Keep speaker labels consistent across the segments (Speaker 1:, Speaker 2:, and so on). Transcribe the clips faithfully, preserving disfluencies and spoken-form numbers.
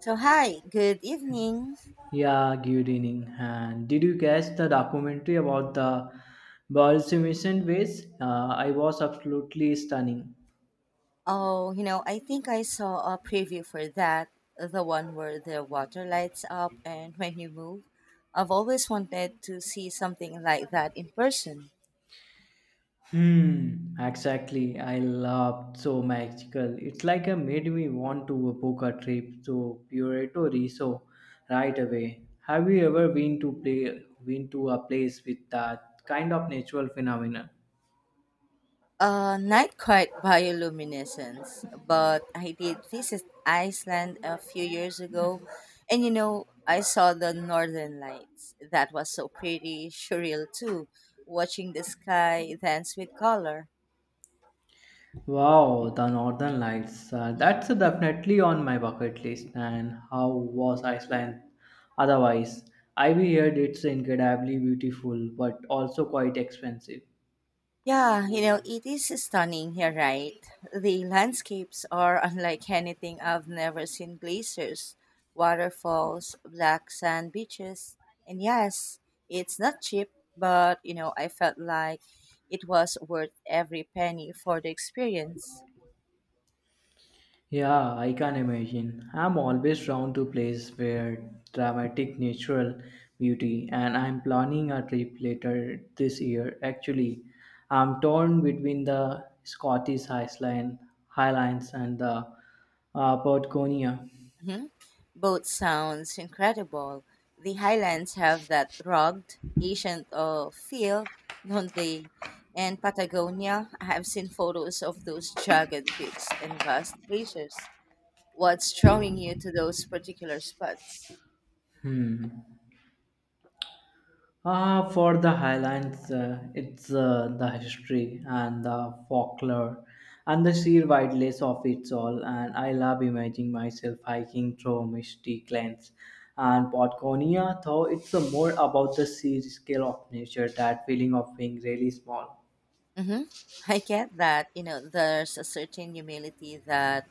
Speaker 1: So hi, good evening.
Speaker 2: Yeah, good evening. And did you catch the documentary about the Bolshevik ways? Uh, I was absolutely stunning.
Speaker 1: Oh, you know, I think I saw a preview for that, the one where the water lights up and when you move. I've always wanted to see something like that in person.
Speaker 2: Hmm, exactly. I loved so magical. It's like a made me want to book a trip to Puerto Rico right away. Have you ever been to play been to a place with that kind of natural phenomenon?
Speaker 1: Uh, not quite bioluminescence, but I did visit Iceland a few years ago, and you know, I saw the northern lights. That was so pretty surreal too, watching the sky dance with color.
Speaker 2: Wow, the Northern Lights. Uh, that's
Speaker 1: Mhm.
Speaker 2: definitely on my bucket list. And how was Iceland otherwise? I've heard it's incredibly beautiful, but also quite expensive.
Speaker 1: Yeah, you know, it is stunning here, right? The landscapes are unlike anything I've never seen glaciers, waterfalls, black sand beaches. And yes, it's not cheap, but you know, I felt like it was worth every penny for the experience.
Speaker 2: Yeah, I can imagine. I'm always drawn to places where dramatic natural beauty, and I'm planning a trip later this year. Actually, I'm torn between the Scottish Highland, Highlands and the uh, Patagonia.
Speaker 1: Mhm. Both sounds incredible. The Highlands have that rugged, ancient uh, feel, don't they? And Patagonia, I have seen photos of those jagged peaks and vast glaciers. What's drawing you to those particular spots?
Speaker 2: Hmm. Uh, for the Highlands, uh, it's uh, the history and the folklore and the sheer wildness of it all. And I love imagining myself hiking through misty glens and Patagonia, though it's uh, more about the sheer scale of nature, that feeling of being really small.
Speaker 1: Hmm, I get that, you know, there's a certain humility that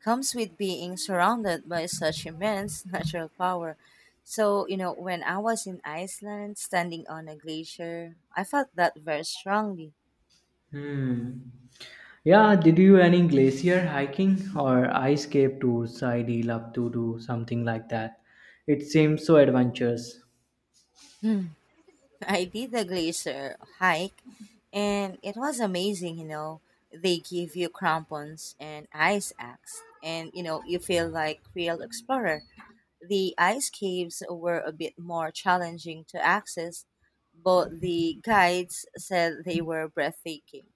Speaker 1: comes with being surrounded by such immense natural power. So, you know, when I was in Iceland standing on a glacier, I felt that very strongly.
Speaker 2: Hmm. Yeah, did you any glacier hiking or ice cave tours? I'd love to do something like that. It seems so adventurous.
Speaker 1: Hmm. I did a glacier hike and it was amazing, you know. They give you crampons and ice axe, and you know, you feel like real explorer. The ice caves were a bit more challenging to access, but the guides said they were breathtaking.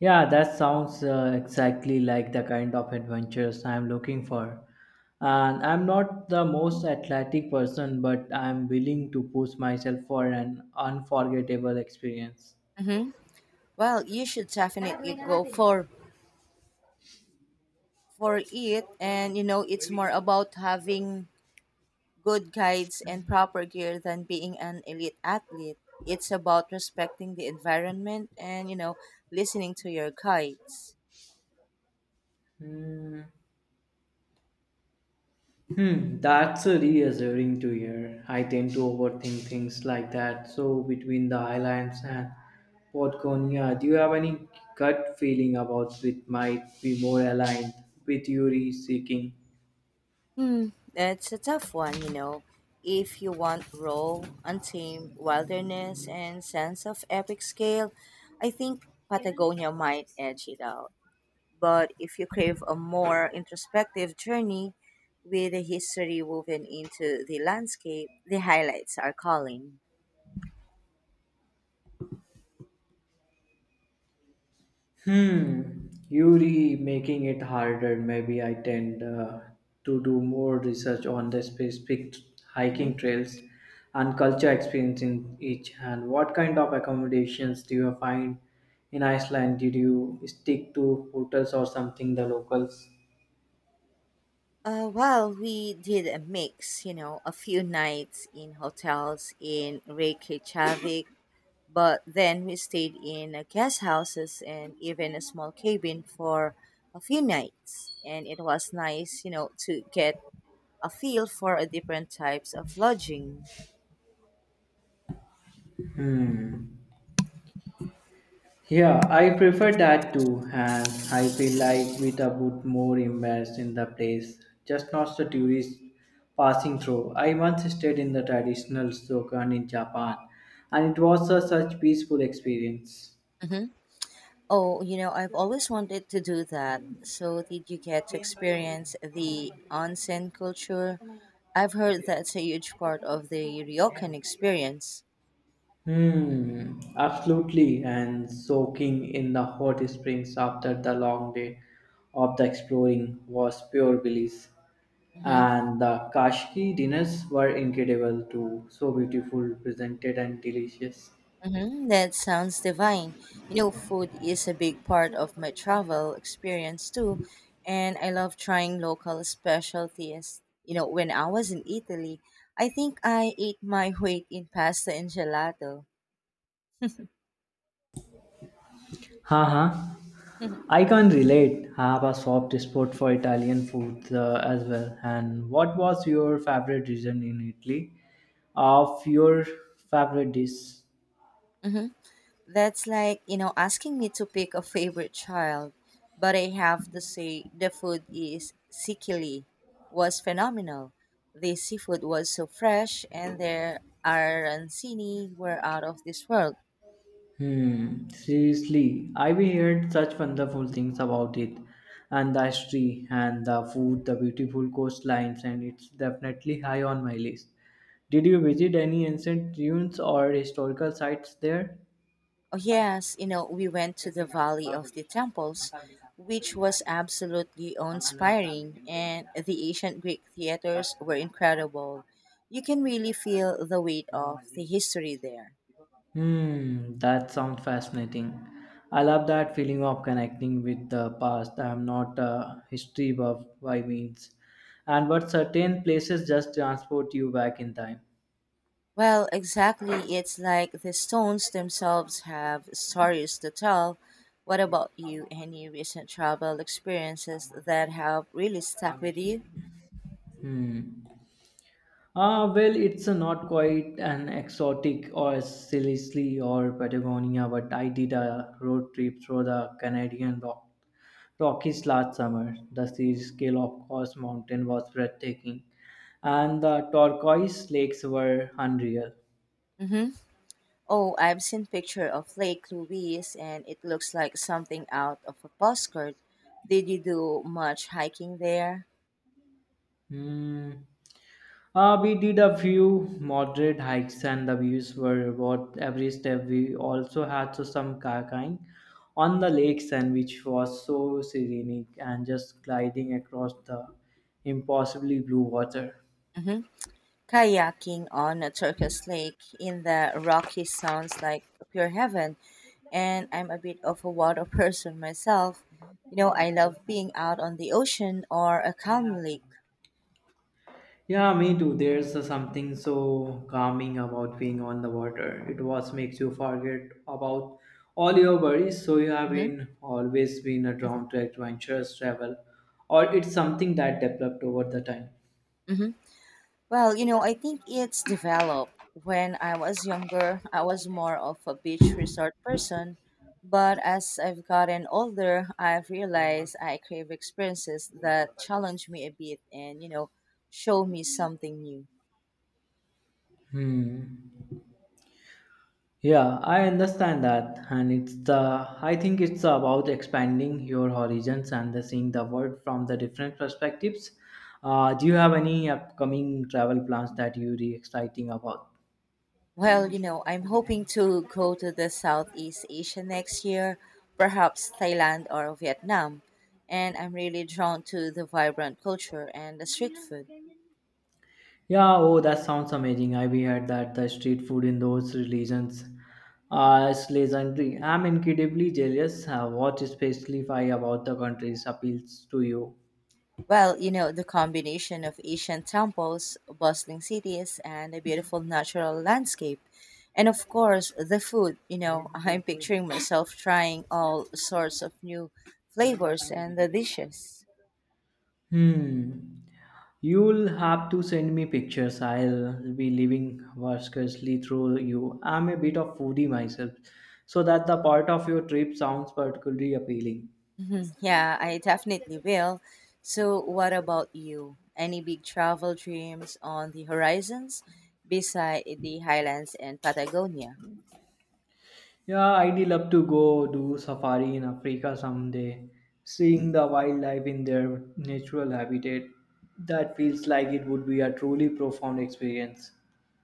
Speaker 2: Yeah, that sounds uh, exactly like the kind of adventures I'm looking for. And I'm not the most athletic person, but I'm willing to push myself for an unforgettable experience.
Speaker 1: Mhm. Well, you should definitely go for for it, and you know it's more about having good guides and proper gear than being an elite athlete. It's about respecting the environment and you know listening to your guides.
Speaker 2: Hmm, Hmm, that's a reassuring to hear. I tend to overthink things like that. So, between the islands and Podgonia, do you have any gut feeling about which might be more aligned with Yuri seeking?
Speaker 1: Hmm, that's a tough one, you know. If you want raw, untamed wilderness and sense of epic scale, I think Patagonia might edge it out. But if you crave a more introspective journey with a history woven into the landscape, the highlights are calling.
Speaker 2: Hmm, Yuri making it harder. Maybe I tend uh, to do more research on the specific hiking
Speaker 1: Mhm.
Speaker 2: trails and culture experience in each. And what kind of accommodations do you find in Iceland? Did you stick to hotels or something the locals?
Speaker 1: Uh, well, we did a mix, you know, a few nights in hotels in Reykjavik, but then we stayed in uh, guest houses and even a small cabin for a few nights. And it was nice, you know, to get a feel for uh, different types of lodging.
Speaker 2: Yeah, I prefer that too, and I feel like we are bit more immersed in the place, just not the tourists passing through. I once stayed in the traditional Sokan in Japan, and it was a such peaceful experience.
Speaker 1: Mhm. Oh, you know, I've always wanted to do that. So, did you get to experience the onsen culture? I've heard that's a huge part of the ryokan experience.
Speaker 2: Hmm, absolutely, and soaking in the hot springs after the long day of the exploring was pure bliss.
Speaker 1: Hmm.
Speaker 2: And the Kashki dinners were incredible too, so beautiful, presented, and delicious.
Speaker 1: Hmm, that sounds divine. You know, food is a big part of my travel experience too, and I love trying local specialties. You know, when I was in Italy, I think I ate my weight in pasta and gelato.
Speaker 2: Haha, I can relate. I have a soft spot for Italian food uh, as well. And what was your favorite region in Italy? Of your favorite dish?
Speaker 1: Mm-hmm. That's like, you know, asking me to pick a favorite child. But I have to say, the food is Sikili was phenomenal. The seafood was so fresh, and their arancini were out of this world.
Speaker 2: Hmm, seriously, I've heard such wonderful things about it and the history and the food, the beautiful coastlines, and it's definitely high on my list. Did you visit any ancient ruins or historical sites there?
Speaker 1: Oh, yes, you know, we went to the Valley of the Temples, which was absolutely inspiring, and the ancient Greek theaters were incredible. You can really feel the weight of the history there.
Speaker 2: Hmm, that sounds fascinating. I love that feeling of connecting with the past. I am not a history buff by means, and but certain places just transport you back in time.
Speaker 1: Well, exactly. It's like the stones themselves have stories to tell. What about you? Any recent travel experiences that have really stuck with you?
Speaker 2: Hmm. Ah, well, it's not quite an exotic or Sicily or Patagonia, but I did a road trip through the Canadian rock, Rockies last summer. The sea scale of Cross Mountain was breathtaking, and the turquoise lakes were unreal.
Speaker 1: Mm-hmm. Oh, I've seen picture of Lake Louise, and it looks like something out of a postcard. Did you do much hiking there?
Speaker 2: Hmm. Uh, we did a few moderate hikes and the views were worth every step. We also had to some kayaking on the lakes and which was so serenic and just gliding across the impossibly blue water.
Speaker 1: Mm-hmm. Kayaking on a Turkish lake in the Rockies sounds like pure heaven, and I'm a bit of a water person myself. You know, I love being out on the ocean or a calm lake.
Speaker 2: Yeah, me too. There's uh, something so calming about being on the water. It was makes you forget about all your worries. So you have
Speaker 1: Hmm.
Speaker 2: been always been a drawn to adventurous travel, or it's something that developed over the time.
Speaker 1: Hmm, well, you know, I think it's developed. When I was younger, I was more of a beach resort person, but as I've gotten older, I've realized I crave experiences that challenge me a bit and, you know, show me something new.
Speaker 2: Hmm. Yeah, I understand that, and it's the I think it's about expanding your horizons and the seeing the world from the different perspectives. Uh, do you have any upcoming travel plans that you're really exciting about?
Speaker 1: Well, you know, I'm hoping to go to the Southeast Asia next year, perhaps Thailand or Vietnam. And I'm really drawn to the vibrant culture and the street food.
Speaker 2: Yeah, oh, that sounds amazing. I we heard that the street food in those regions uh, is legendary. I'm incredibly jealous. Uh, what especially why about the countries appeals to you?
Speaker 1: Well, you know, the combination of ancient temples, bustling cities, and a beautiful natural landscape. And of course, the food. You know, I'm picturing myself trying all sorts of new flavors and the dishes.
Speaker 2: Hmm. You'll have to send me pictures. I'll be living vicariously through you. I'm a bit of foodie myself, so that the part of your trip sounds particularly appealing.
Speaker 1: Mhm. Yeah, I definitely will. So, what about you? Any big travel dreams on the horizons beside the highlands and Patagonia?
Speaker 2: Yeah, I'd love to go do safari in Africa someday. Seeing the wildlife in their natural habitat, that feels like it would be a truly profound experience.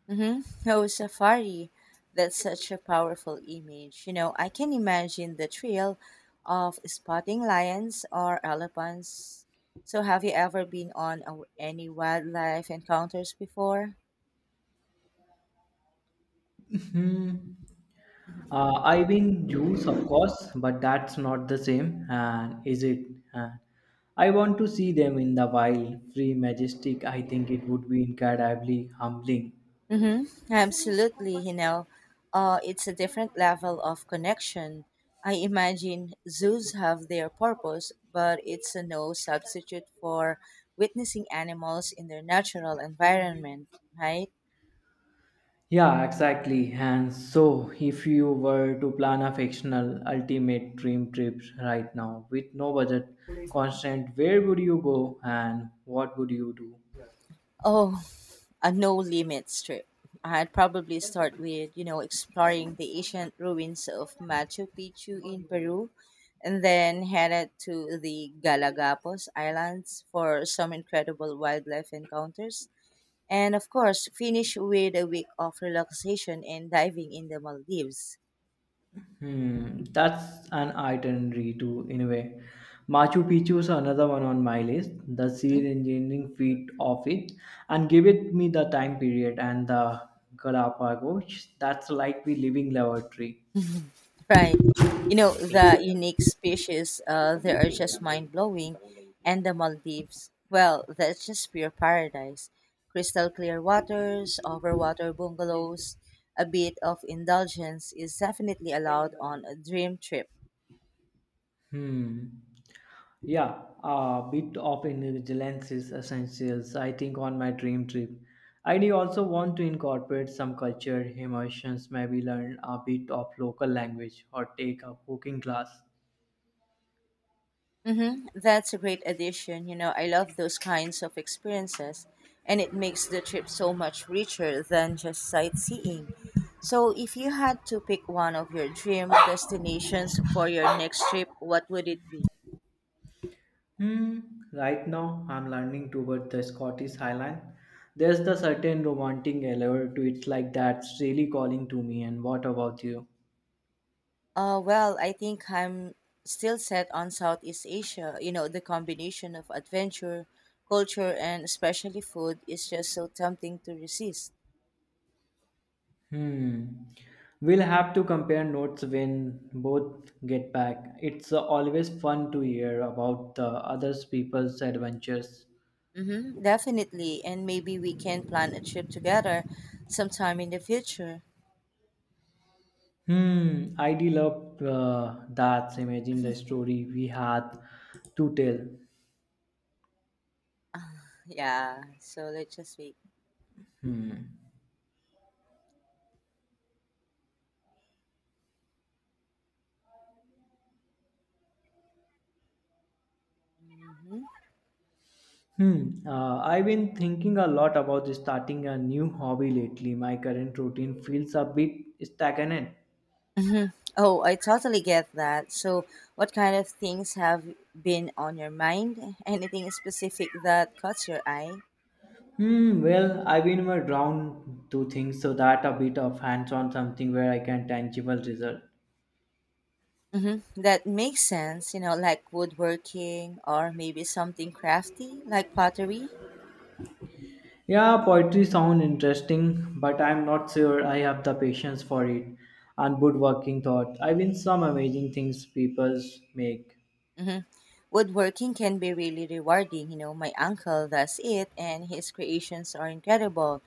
Speaker 1: Mm-hmm. Oh, safari. That's such a powerful image. You know, I can imagine the thrill of spotting lions or elephants. So, have you ever been on a, any wildlife encounters before?
Speaker 2: Hmm. Uh, I win juice, of course, but that's not the same, and is it? Uh, I want to see them in the wild, free, majestic. I think it would be incredibly humbling.
Speaker 1: Mm-hmm. Absolutely, you know, uh, it's a different level of connection. I imagine zoos have their purpose, but it's a no substitute for witnessing animals in their natural environment, right?
Speaker 2: Yeah, exactly. And so, if you were to plan a fictional ultimate dream trip right now with no budget constraint, where would you go and what would you do?
Speaker 1: Oh, a no limits trip. I'd probably start with, you know, exploring the ancient ruins of Machu Picchu in Peru and then headed to the Galapagos Islands for some incredible wildlife encounters. And of course, finish with a week of relaxation and diving in the Maldives.
Speaker 2: Hmm, that's an itinerary too, in a way. Machu Picchu is another one on my list. The
Speaker 1: Hmm.
Speaker 2: sheer engineering feat of it, and give it me the time period and the Galapagos. That's like we living laboratory.
Speaker 1: Right. You know, the unique species, uh, they are just mind blowing. And the Maldives, well, that's just pure paradise. Crystal clear waters, overwater bungalows, a bit of indulgence is definitely allowed on a dream trip.
Speaker 2: Hmm. Yeah, a bit of indulgence is essential. I think on my dream trip, I do also want to incorporate some culture immersions. Maybe learn a bit of local language or take a cooking class.
Speaker 1: Mm-hmm. That's a great addition. You know, I love those kinds of experiences, and it makes the trip so much richer than just sightseeing. So, if you had to pick one of your dream destinations for your next trip, what would it be?
Speaker 2: Hmm, right now, I'm learning toward the Scottish Highland. There's the certain romantic allure to it, like that's really calling to me. And what about you?
Speaker 1: Uh, well, I think I'm still set on Southeast Asia. You know, the combination of adventure, culture, and especially food is just so tempting to resist.
Speaker 2: Hmm. We'll have to compare notes when both get back. It's always fun to hear about the other people's adventures.
Speaker 1: Mm-hmm, definitely. And maybe we can plan a trip together sometime in the future.
Speaker 2: Hmm. I do love uh, that. Imagine the story we had to tell.
Speaker 1: Yeah, so let's just wait.
Speaker 2: Hmm.
Speaker 1: Mm-hmm.
Speaker 2: Hmm. Uh, I've been thinking a lot about starting a new hobby lately. My current routine feels a bit stagnant.
Speaker 1: Hmm. Oh, I totally get that. So, what kind of things have been on your mind? Anything specific that caught your eye?
Speaker 2: Hmm. Well, I've been more drawn to things so that a bit of hands-on something where I can tangible result.
Speaker 1: Mm-hmm. That makes sense, you know, like woodworking or maybe something crafty, like pottery.
Speaker 2: Yeah, poetry sound interesting, but I'm not sure I have the patience for it. And woodworking thought. I've been some amazing things people make.
Speaker 1: Hmm, woodworking can be really rewarding. You know, my uncle does it, and his creations are incredible.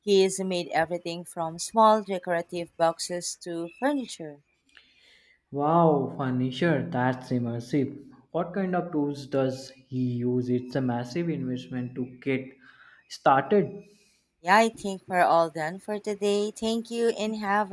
Speaker 1: He has made everything from small decorative boxes to furniture.
Speaker 2: Wow, furniture, that's immersive. What kind of tools does he use? It's a massive investment to get started.
Speaker 1: Yeah, I think we're all done for today. Thank you and have